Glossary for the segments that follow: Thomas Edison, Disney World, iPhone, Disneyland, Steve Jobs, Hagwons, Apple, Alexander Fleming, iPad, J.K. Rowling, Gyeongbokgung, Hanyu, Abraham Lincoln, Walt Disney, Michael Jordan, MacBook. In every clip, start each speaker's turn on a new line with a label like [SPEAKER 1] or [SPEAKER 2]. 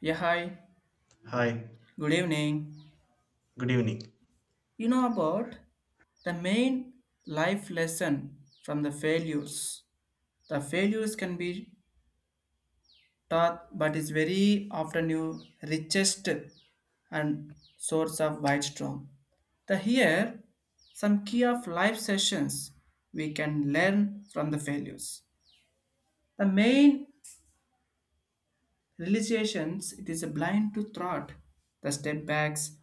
[SPEAKER 1] Yeah, hi.
[SPEAKER 2] Hi,
[SPEAKER 1] Good evening.
[SPEAKER 2] good evening.
[SPEAKER 1] About the main life lesson from the failures. The failures can be taught, but is very often your richest and source of wisdom. The here some key of life sessions we can learn from the failures. The main realizations it is a blind to thought, the step backs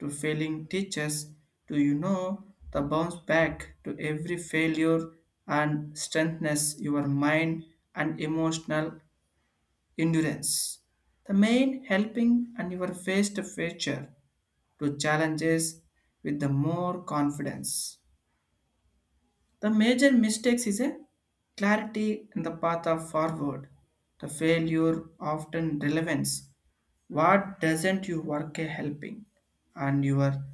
[SPEAKER 1] to failing teachers, to the bounce back to every failure and strengthens your mind and emotional endurance. The main helping and your face to future to challenges with the more confidence. The major mistakes is a clarity in the path of forward. The failure often relevance what doesn't you work a helping? And you are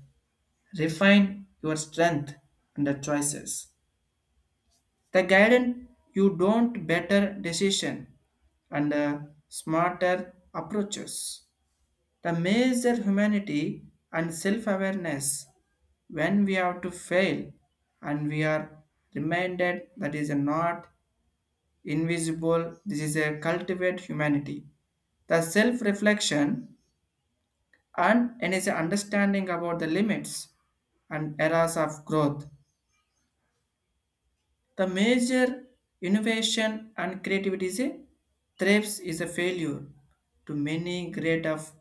[SPEAKER 1] refine your strength and the choices. The guidance you don't better decision and smarter approaches. The major humanity and self-awareness when we have to fail and we are reminded that is not invisible, this is a cultivate humanity. The self-reflection and in his understanding about the limits and eras of growth. The major innovation and creativity is a thrives is a failure to many great of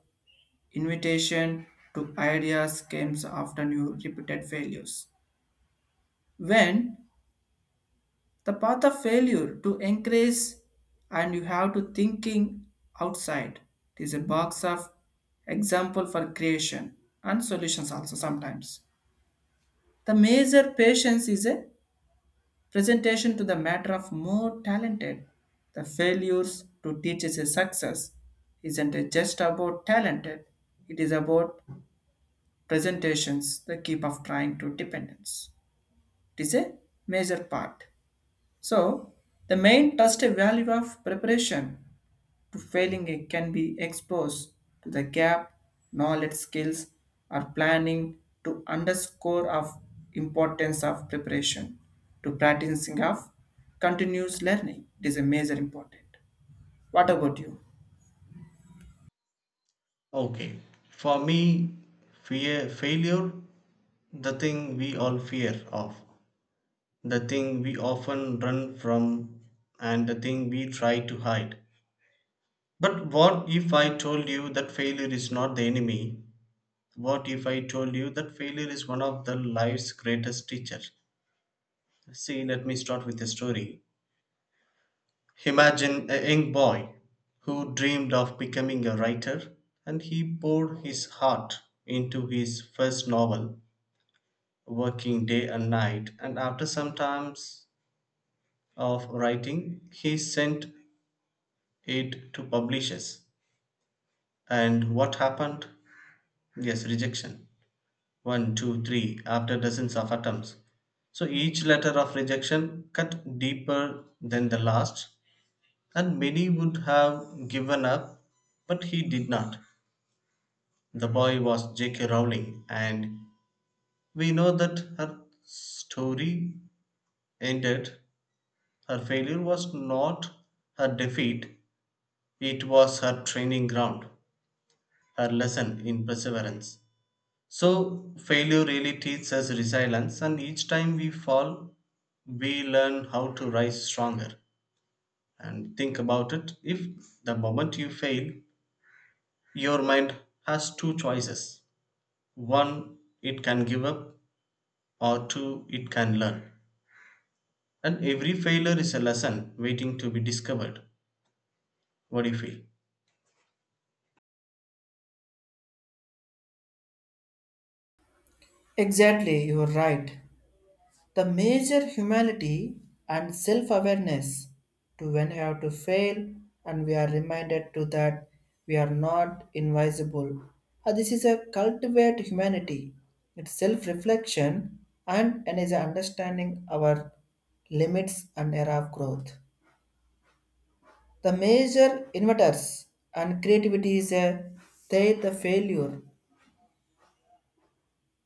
[SPEAKER 1] invitation to ideas comes after new repeated failures. When the path of failure to increase and you have to thinking outside. It is a box of example for creation and solutions also sometimes. The major patience is a presentation to the matter of more talented. The failures to teach is a success isn't it just about talented. It is about presentations, the keep of trying to dependence. It is a major part. So the main trust value of preparation to failing it can be exposed to the gap knowledge skills or planning to underscore of importance of preparation to practicing of continuous learning it is a major important. What about you?
[SPEAKER 2] Okay, for me, fear, failure, the thing we all fear of, the thing we often run from, and the thing we try to hide. But what if I told you that failure is not the enemy? What if I told you that failure is one of the life's greatest teachers? See, let me start with a story. Imagine a young boy who dreamed of becoming a writer, and he poured his heart into his first novel, working day and night, and after some times of writing, he sent it to publishers. And what happened? Yes, rejection. One, two, three, after dozens of attempts. So each letter of rejection cut deeper than the last, and many would have given up, but he did not. The boy was J.K. Rowling, and we know that her story ended. Her failure was not her defeat, it was her training ground, her lesson in perseverance. So, failure really teaches us resilience, and each time we fall, we learn how to rise stronger. And think about it if the moment you fail, your mind has two choices. One, it can give up, or two it can learn. And every failure is a lesson waiting to be discovered. What do you feel?
[SPEAKER 1] Exactly, you are right. The major humility and self-awareness to when we have to fail and we are reminded to that we are not invisible. This is a cultivate humanity, it's self-reflection and is understanding our limits and era of growth. The major inverters and creativity is a they the failure,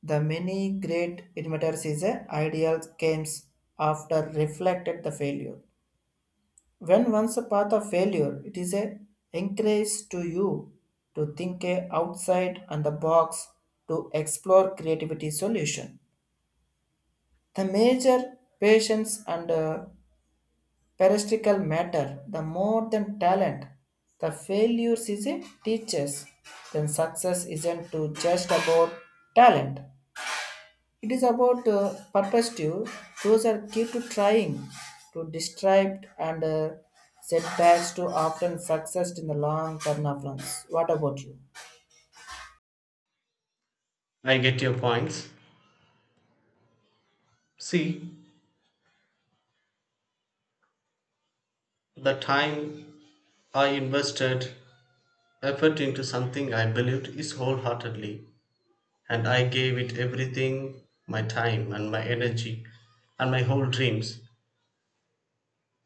[SPEAKER 1] the many great inventors is a ideal games after reflected the failure. When once a path of failure, it is a encourage to you to think a outside and the box to explore creativity solution. The major patience and peristical matter, the more than talent, the failures is a teachers. Then success isn't to just about talent. It is about perspective. Those are key to trying to distract and setbacks to often success in the long term of runs. What about you?
[SPEAKER 2] I get your points. See, the time I invested effort into something I believed is wholeheartedly, and I gave it everything, my time and my energy and my whole dreams.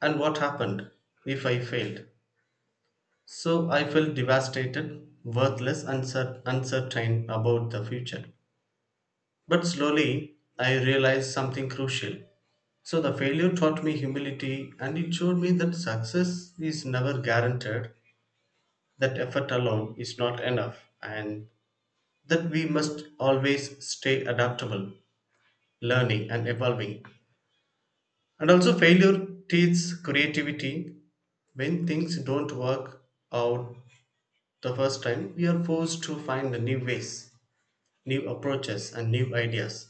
[SPEAKER 2] And what happened if I failed? So I felt devastated, worthless, and uncertain about the future. But slowly, I realized something crucial. So, the failure taught me humility and it showed me that success is never guaranteed, that effort alone is not enough, and that we must always stay adaptable, learning and evolving. And also, failure teaches creativity. When things don't work out the first time, we are forced to find new ways, new approaches, and new ideas.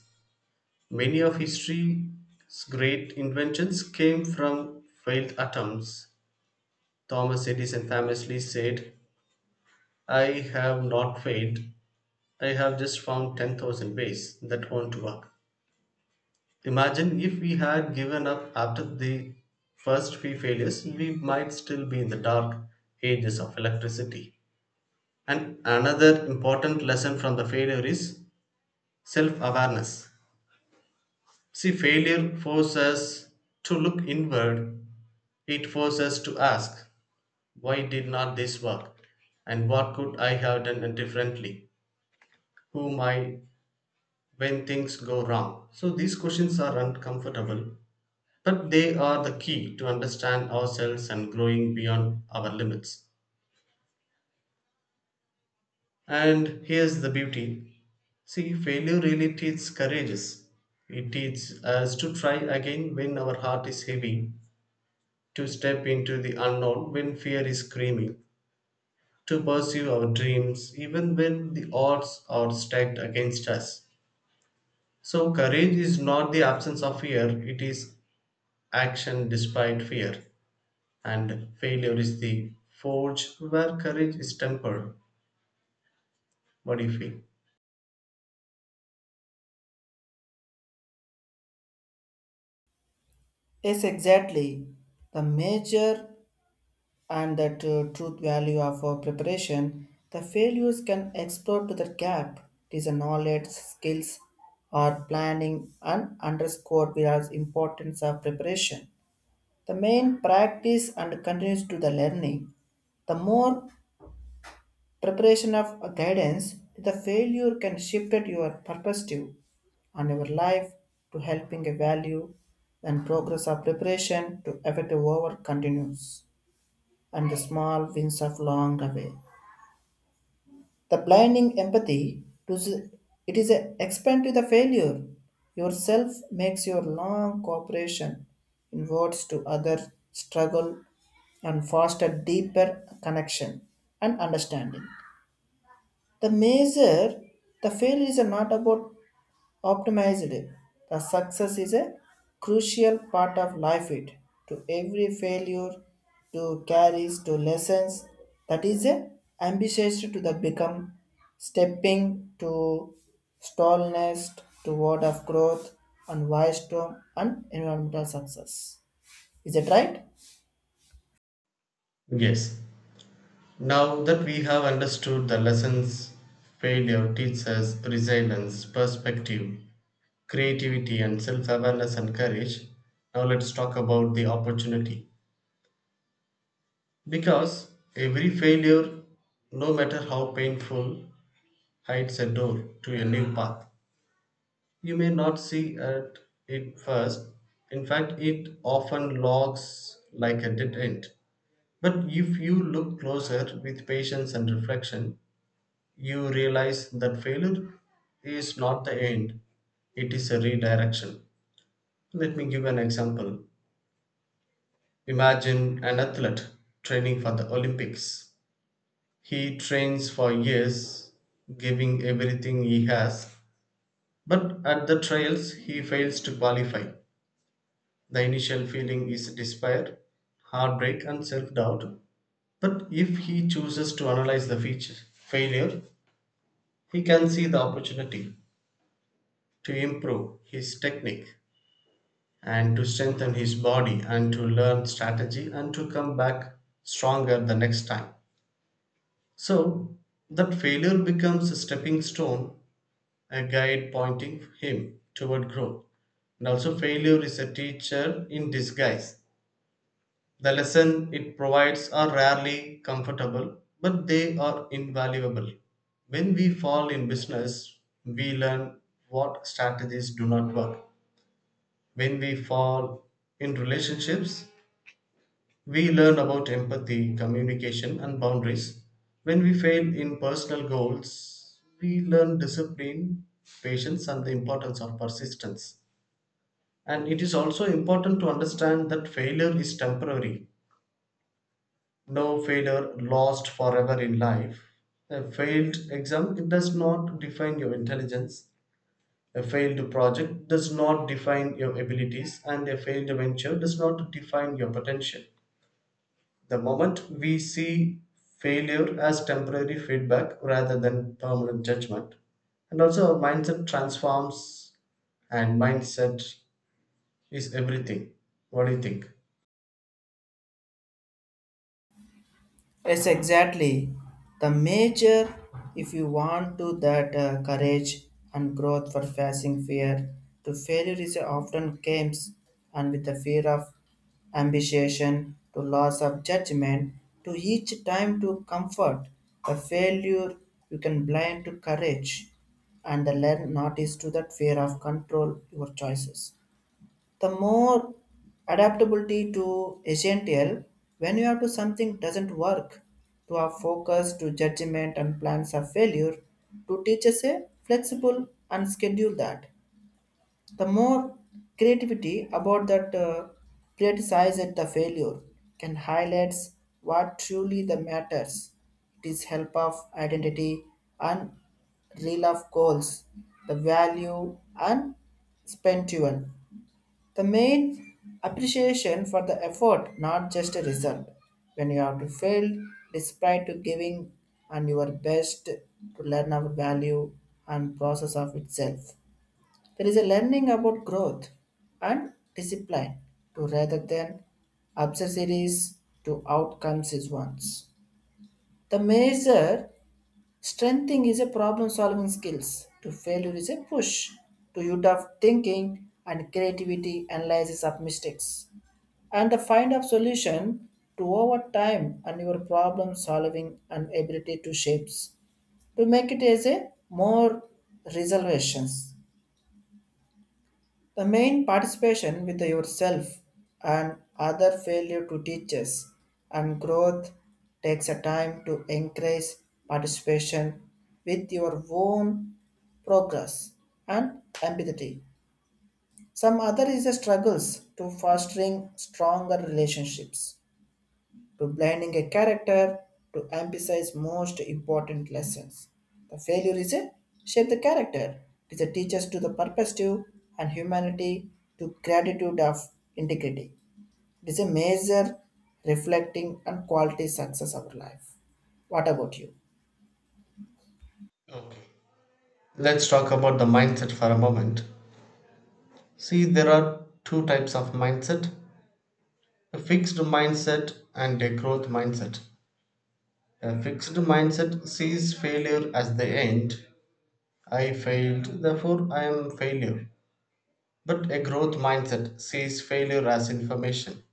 [SPEAKER 2] Many of history's great inventions came from failed attempts. Thomas Edison famously said, I have not failed, I have just found 10,000 ways that won't work. Imagine if we had given up after the first few failures, we might still be in the dark ages of electricity. And another important lesson from the failure is self awareness. See, failure forces us to look inward. It forces us to ask, why did not this work? And what could I have done differently? Who am I when things go wrong? So these questions are uncomfortable, but they are the key to understand ourselves and growing beyond our limits. And here's the beauty. See, failure really teaches courage. It teaches us to try again when our heart is heavy, to step into the unknown when fear is screaming, to pursue our dreams even when the odds are stacked against us. So, courage is not the absence of fear, it is action despite fear. And failure is the forge where courage is tempered. What do you feel?
[SPEAKER 1] Yes, exactly. The major and the truth value of our preparation, the failures can explore to the gap. It is a knowledge, skills, or planning and underscore the importance of preparation. The main practice and continues to the learning. The more preparation of guidance to the failure can shift at your perspective on your life to helping a value and progress of preparation to effective over continues and the small wins of long away. The blinding empathy to the, it is a expand to the failure. Yourself makes your long cooperation in words to other struggle and foster deeper connection and understanding. The measure, the failure is not about optimized. The success is a crucial part of life. It to every failure, to carries to lessons. That is a ambitious to the become, stepping to stallness toward of growth and wisdom and environmental success. Is it right?
[SPEAKER 2] Yes. Now that we have understood the lessons failure teaches us, resilience, perspective, creativity and self-awareness and courage, now let's talk about the opportunity, because every failure, no matter how painful, hides a door to a new path you may not see at it first. In fact, it often looks like a dead end, but if you look closer with patience and reflection, you realize that failure is not the end, it is a redirection. Let me give an example. Imagine an athlete training for the Olympics. He trains for years, giving everything he has, but at the trials he fails to qualify. The initial feeling is despair, heartbreak, and self doubt. But if he chooses to analyze the feature, failure, he can see the opportunity to improve his technique and to strengthen his body and to learn strategy and to come back stronger the next time. So that failure becomes a stepping stone, a guide pointing him toward growth. And also, failure is a teacher in disguise. The lesson it provides are rarely comfortable, but they are invaluable. When we fall in business, we learn what strategies do not work. When we fall in relationships, we learn about empathy, communication, and boundaries. When we fail in personal goals, we learn discipline, patience, and the importance of persistence. And it is also important to understand that failure is temporary. No failure lost forever in life. A failed exam, it does not define your intelligence. A failed project does not define your abilities, and a failed venture does not define your potential. The moment we see failure as temporary feedback rather than permanent judgment, and also our mindset transforms, and mindset is everything. What do you think?
[SPEAKER 1] Yes, exactly. The major, if you want to that courage and growth for facing fear, to failure is often comes and with the fear of ambition, to loss of judgment, to each time to comfort. The failure you can blind to courage, and the learn not is to that fear of control your choices, the more adaptability to essential when you have to something doesn't work to have focus to judgment and plans of failure to teach us a flexible and schedule that the more creativity about that criticize at the failure can highlights what truly the matters. It is help of identity and real of goals, the value and spent even the main appreciation for the effort, not just a result. When you have to fail, despite to giving and your best to learn our value and process of itself. There is a learning about growth and discipline to rather than obsessives to outcomes is once. The major strengthening is a problem solving skills. To failure is a push to youth of thinking and creativity analysis of mistakes and the find of solution to over time and your problem solving and ability to shapes to make it as a more resolutions. The main participation with yourself and other failure to teachers and growth takes a time to increase participation with your own progress and empathy, some other is the struggles to fostering stronger relationships to blinding a character to emphasize most important lessons. The failure is a shape the character. It is a teaches to the perspective and humanity to gratitude of integrity. It is a major reflecting and quality success of life. What about you?
[SPEAKER 2] Okay. Let's talk about the mindset for a moment. See, there are two types of mindset, a fixed mindset and a growth mindset. A fixed mindset sees failure as the end. I failed, therefore I am a failure. But a growth mindset sees failure as information.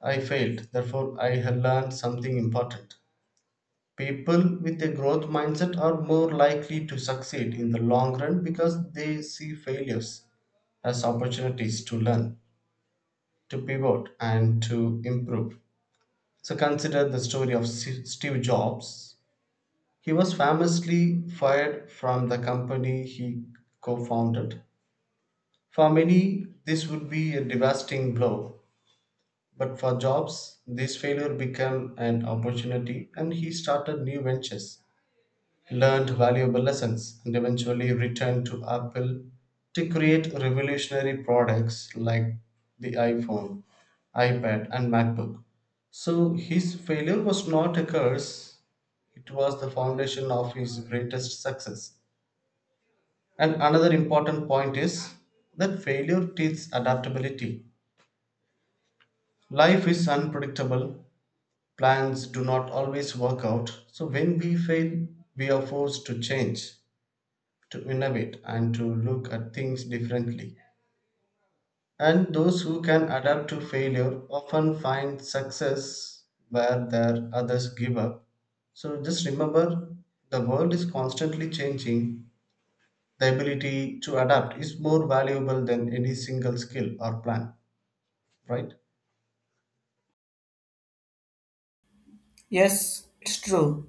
[SPEAKER 2] I failed, therefore I have learned something important. People with a growth mindset are more likely to succeed in the long run because they see failures as opportunities to learn, to pivot, and to improve. So consider the story of Steve Jobs. He was famously fired from the company he co founded. For many, this would be a devastating blow. But for Jobs, this failure became an opportunity and he started new ventures, learned valuable lessons, and eventually returned to Apple to create revolutionary products like the iPhone, iPad, and MacBook. So his failure was not a curse, it was the foundation of his greatest success. And another important point is that failure teaches adaptability. Life is unpredictable. Plans do not always work out, so when we fail, we are forced to change, to innovate, and to look at things differently. And those who can adapt to failure often find success where their others give up. So just remember, the world is constantly changing. The ability to adapt is more valuable than any single skill or plan, right?
[SPEAKER 1] Yes, it's true.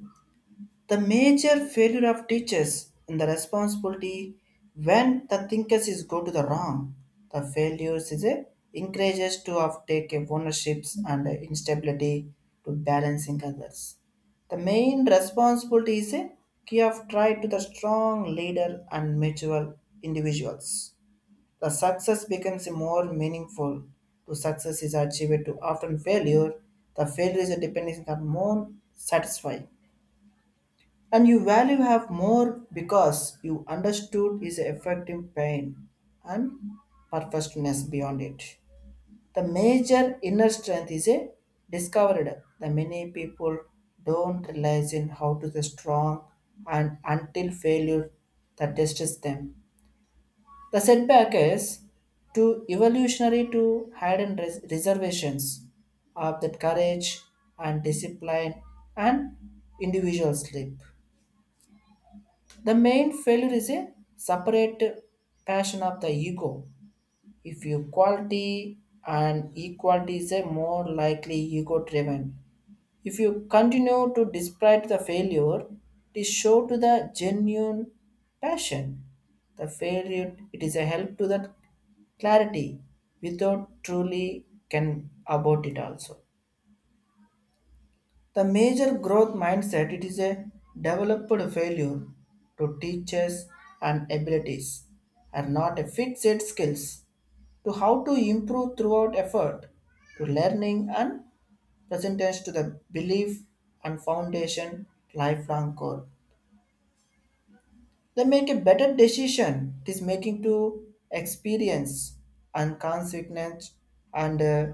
[SPEAKER 1] The major failure of teachers in the responsibility when the thinkers is go to the wrong. The failures is a encourages to of take a ownerships and a instability to balancing others. The main responsibility is a key of try to the strong leader and mutual individuals. The success becomes more meaningful. To success is achieved to often failure. The failure is a dependence on more satisfying and you value have more because you understood is affecting pain and purposefulness beyond it. The major inner strength is a discovered. The many people don't realize in how to the strong and until failure that tests them. The setback is to evolutionary to hidden reservations of that courage and discipline and individual sleep. The main failure is a separate passion of the ego. If equality and equality is a more likely ego driven. If you continue to despite the failure, it is show to the genuine passion. The failure it is a help to that clarity without truly can about it also. The major growth mindset it is a developed failure to teachers and abilities and not a fixed skills to how to improve throughout effort to learning and presentance to the belief and foundation lifelong goal. They make a better decision. It is making to experience and consequence and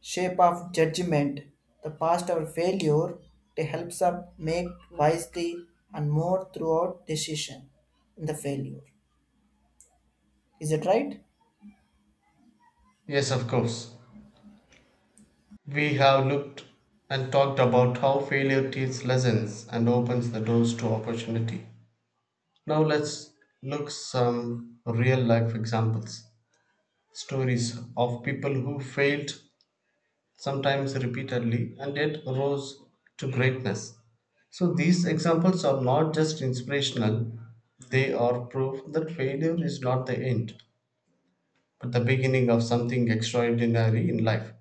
[SPEAKER 1] shape of judgment. The past or failure they helps us make wisely and more throughout decision in the failure. Is it right?
[SPEAKER 2] Yes, of course. We have looked and talked about how failure teaches lessons and opens the doors to opportunity. Now let's look some real life examples. Stories of people who failed sometimes repeatedly and yet rose to greatness. So these examples are not just inspirational, they are proof that failure is not the end, but the beginning of something extraordinary in life.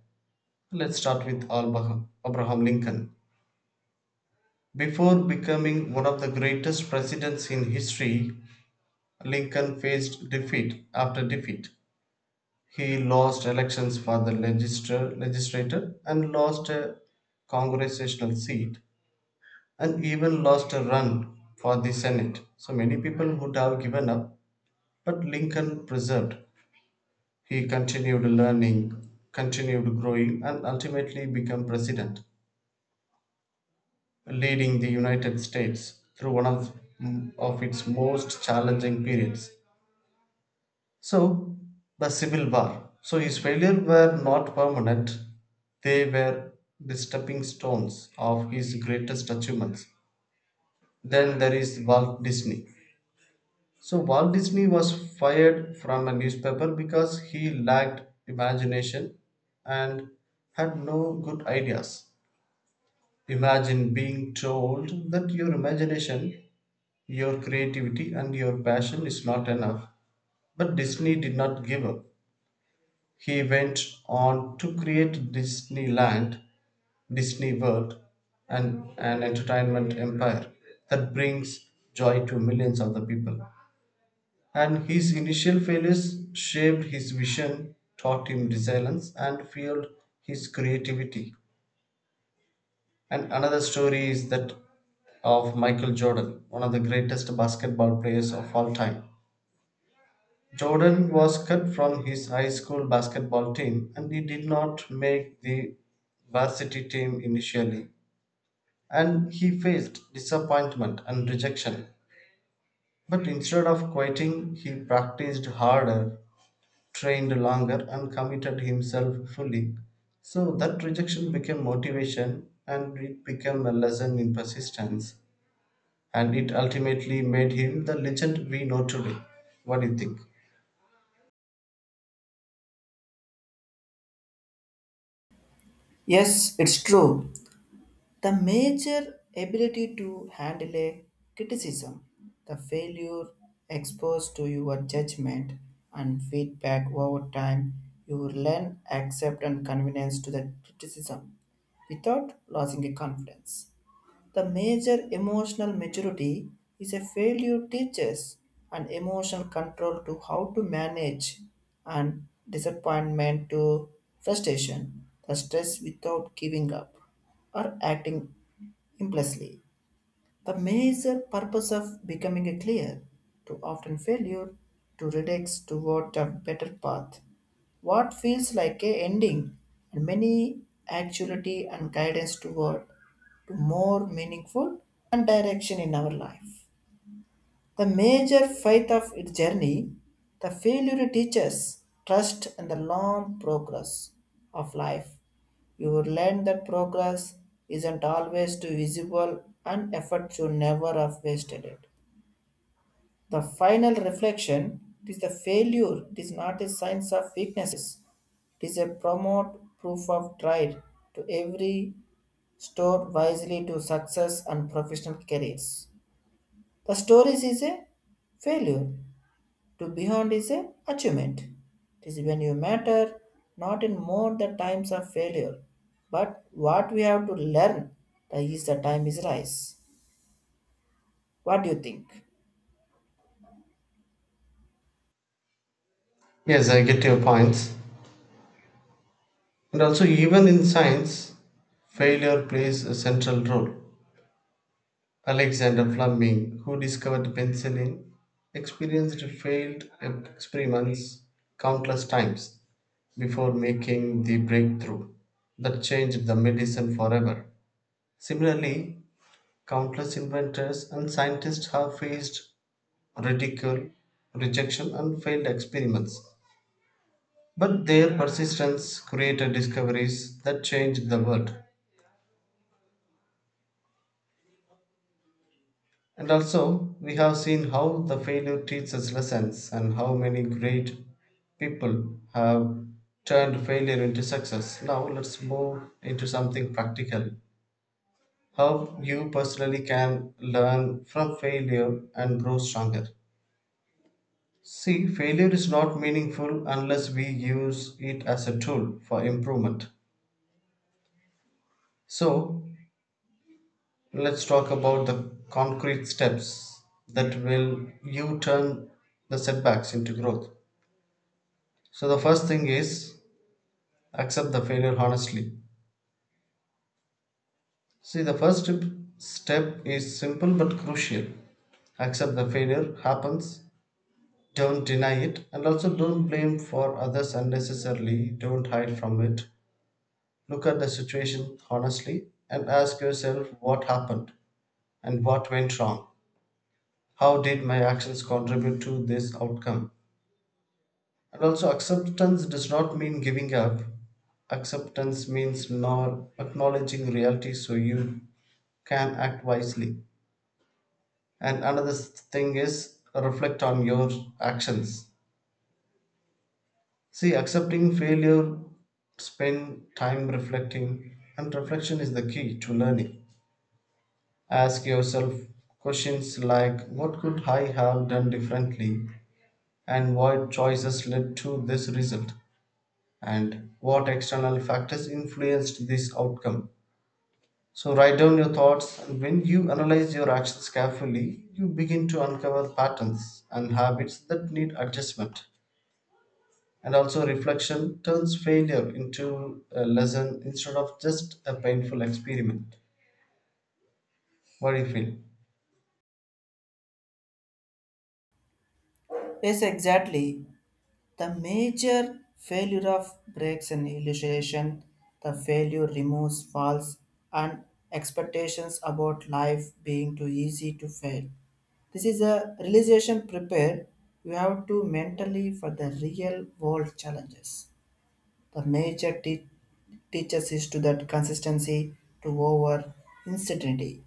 [SPEAKER 2] Let's start with Abraham Lincoln. Before becoming one of the greatest presidents in history, Lincoln faced defeat after defeat. He lost elections for the legislature, legislature, and lost a congressional seat and even lost a run for the Senate. So many people would have given up, but Lincoln preserved. He continued learning, continued growing, and ultimately became president, leading the United States through one of its most challenging periods. So, the Civil War. So, his failures were not permanent, they were the stepping stones of his greatest achievements. Then there is Walt Disney. So, Walt Disney was fired from a newspaper because he lacked imagination and had no good ideas. Imagine being told that your imagination, your creativity and your passion is not enough. But Disney did not give up. He went on to create Disneyland, Disney World, and an entertainment empire that brings joy to millions of the people. And his initial failures shaped his vision, taught him resilience, and fueled his creativity. And another story is that of Michael Jordan, one of the greatest basketball players of all time. Jordan was cut from his high school basketball team and he did not make the varsity team initially. And he faced disappointment and rejection. But instead of quitting, he practiced harder, trained longer, and committed himself fully. So that rejection became motivation and it became a lesson in persistence. And it ultimately made him the legend we know today. What do you think?
[SPEAKER 1] Yes, it's true. The major ability to handle a criticism, the failure exposed to your judgment and feedback over time, you learn accept and convenience to the criticism without losing a confidence. The major emotional maturity is a failure teaches and emotional control to how to manage and disappointment to frustration, the stress without giving up or acting impulsively. The major purpose of becoming a clear to often failure to reduce toward a better path, what feels like a ending and many actuality and guidance toward to more meaningful and direction in our life. The major faith of its journey, the failure teaches trust and the long progress of life. You will learn that progress isn't always too visible and effort should never have wasted it. The final reflection it is the failure, it is not a sign of weaknesses, it is a promote proof of tried to every store wisely to success and professional careers. The stories is a failure. To beyond is a achievement. It is when you matter not in more the times of failure, but what we have to learn that is the time is rise. What do you think?
[SPEAKER 2] Yes, I get your points. And also, even in science, failure plays a central role. Alexander Fleming, who discovered penicillin, experienced failed experiments countless times before making the breakthrough that changed the medicine forever. Similarly, countless inventors and scientists have faced ridicule, rejection, and failed experiments, but their persistence created discoveries that changed the world. And also, we have seen how the failure teaches us lessons and how many great people have turned failure into success. Now, let's move into something practical. How you personally can learn from failure and grow stronger. See, failure is not meaningful unless we use it as a tool for improvement. So, let's talk about the concrete steps that will you turn the setbacks into growth. So the first thing is accept the failure honestly. See, the step is simple but crucial. Accept the failure happens, don't deny it, and also don't blame for others unnecessarily, don't hide from it. Look at the situation honestly and ask yourself what happened and what went wrong. How did my actions contribute to this outcome? And also, acceptance does not mean giving up. Acceptance means not acknowledging reality so you can act wisely. And another thing is reflect on your actions. See, accepting failure, spend time reflecting, and reflection is the key to learning. Ask yourself questions like what could I have done differently and what choices led to this result, and what external factors influenced this outcome. So, write down your thoughts, and when you analyze your actions carefully, you begin to uncover patterns and habits that need adjustment. And also, reflection turns failure into a lesson instead of just a painful experiment. What do you feel?
[SPEAKER 1] Yes, exactly. The major failure of breaks in illustration, the failure removes false and expectations about life being too easy to fail. This is a realization prepared you have to mentally for the real world challenges. The major teaches is to that consistency to over uncertainty.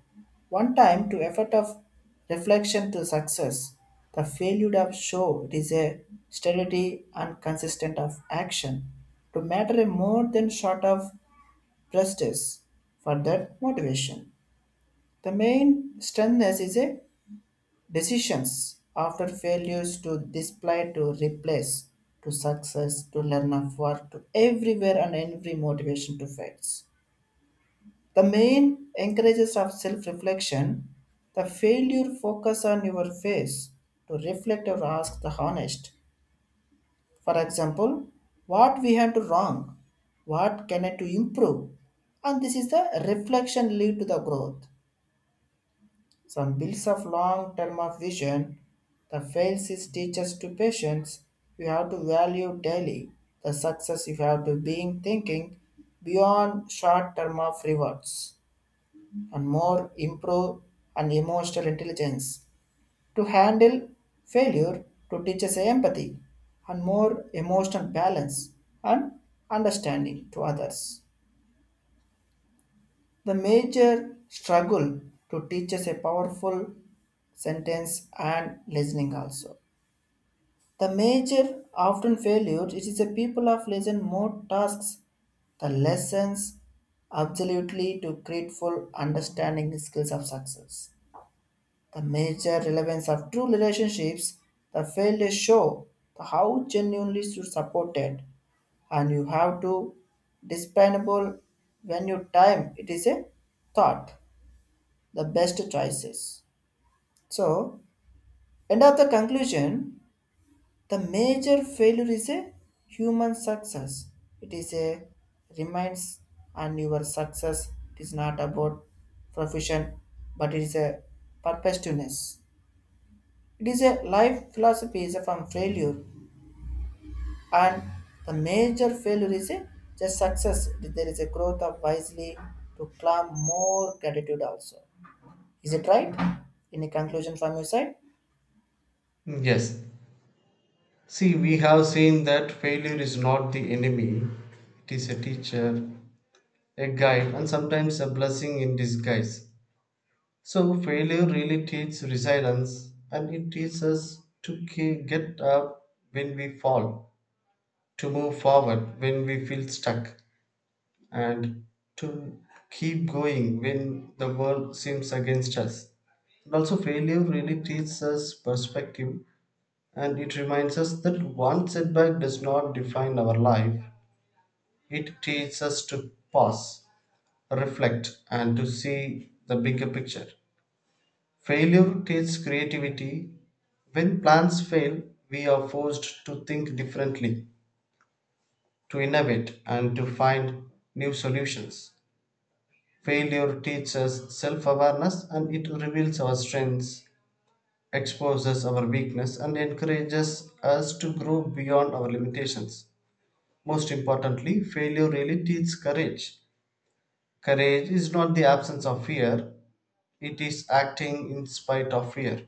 [SPEAKER 1] One time to effort of reflection to success, the failure of show it is a steadily and consistent of action to matter more than short of justice for that motivation. The main strength is a decisions after failures to display to replace to success to learn of work to everywhere and every motivation to fights. The main encourages of self-reflection, the failure focus on your face to reflect or ask the honest. For example, what we had to wrong, what can I to improve? And this is the reflection lead to the growth, some builds of long term of vision. The fails is teaches to patience. You have to value daily. The success you have to being thinking beyond short term of rewards and more improve and emotional intelligence to handle failure to teach us empathy and more emotional balance and understanding to others. The major struggle to teach us a powerful sentence and listening also. The major often failures it is the people of lesson more tasks, the lessons absolutely to create full understanding the skills of success. The major relevance of true relationships, the failures show the how genuinely you supported and you have to dispensable when your time it is a thought the best choices. So, end of the conclusion, the major failure is a human success. It is a reminds and your success it is not about profession, but it is a purposefulness. It is a life philosophy is from failure, and the major failure is a just success. There is a growth of wisely to climb more gratitude also. Is it right? Any conclusion from your side?
[SPEAKER 2] Yes. See, we have seen that failure is not the enemy, it is a teacher, a guide, and sometimes a blessing in disguise. So failure really teaches resilience and it teaches us to get up when we fall, to move forward when we feel stuck, and to keep going when the world seems against us. And also, failure really teaches us perspective and it reminds us that one setback does not define our life. It teaches us to pause, reflect, and to see the bigger picture. Failure teaches creativity. When plans fail, we are forced to think differently, to innovate, and to find new solutions. Failure teaches self awareness and it reveals our strengths, exposes our weakness, and encourages us to grow beyond our limitations. Most importantly, failure really teaches courage. Courage is not the absence of fear, it is acting in spite of fear.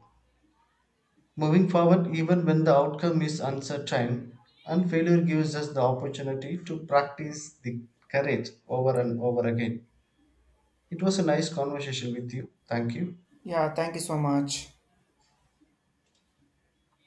[SPEAKER 2] Moving forward, even when the outcome is uncertain, and failure gives us the opportunity to practice the courage over and over again. It was a nice conversation with you. Thank you.
[SPEAKER 1] Yeah, thank you so much.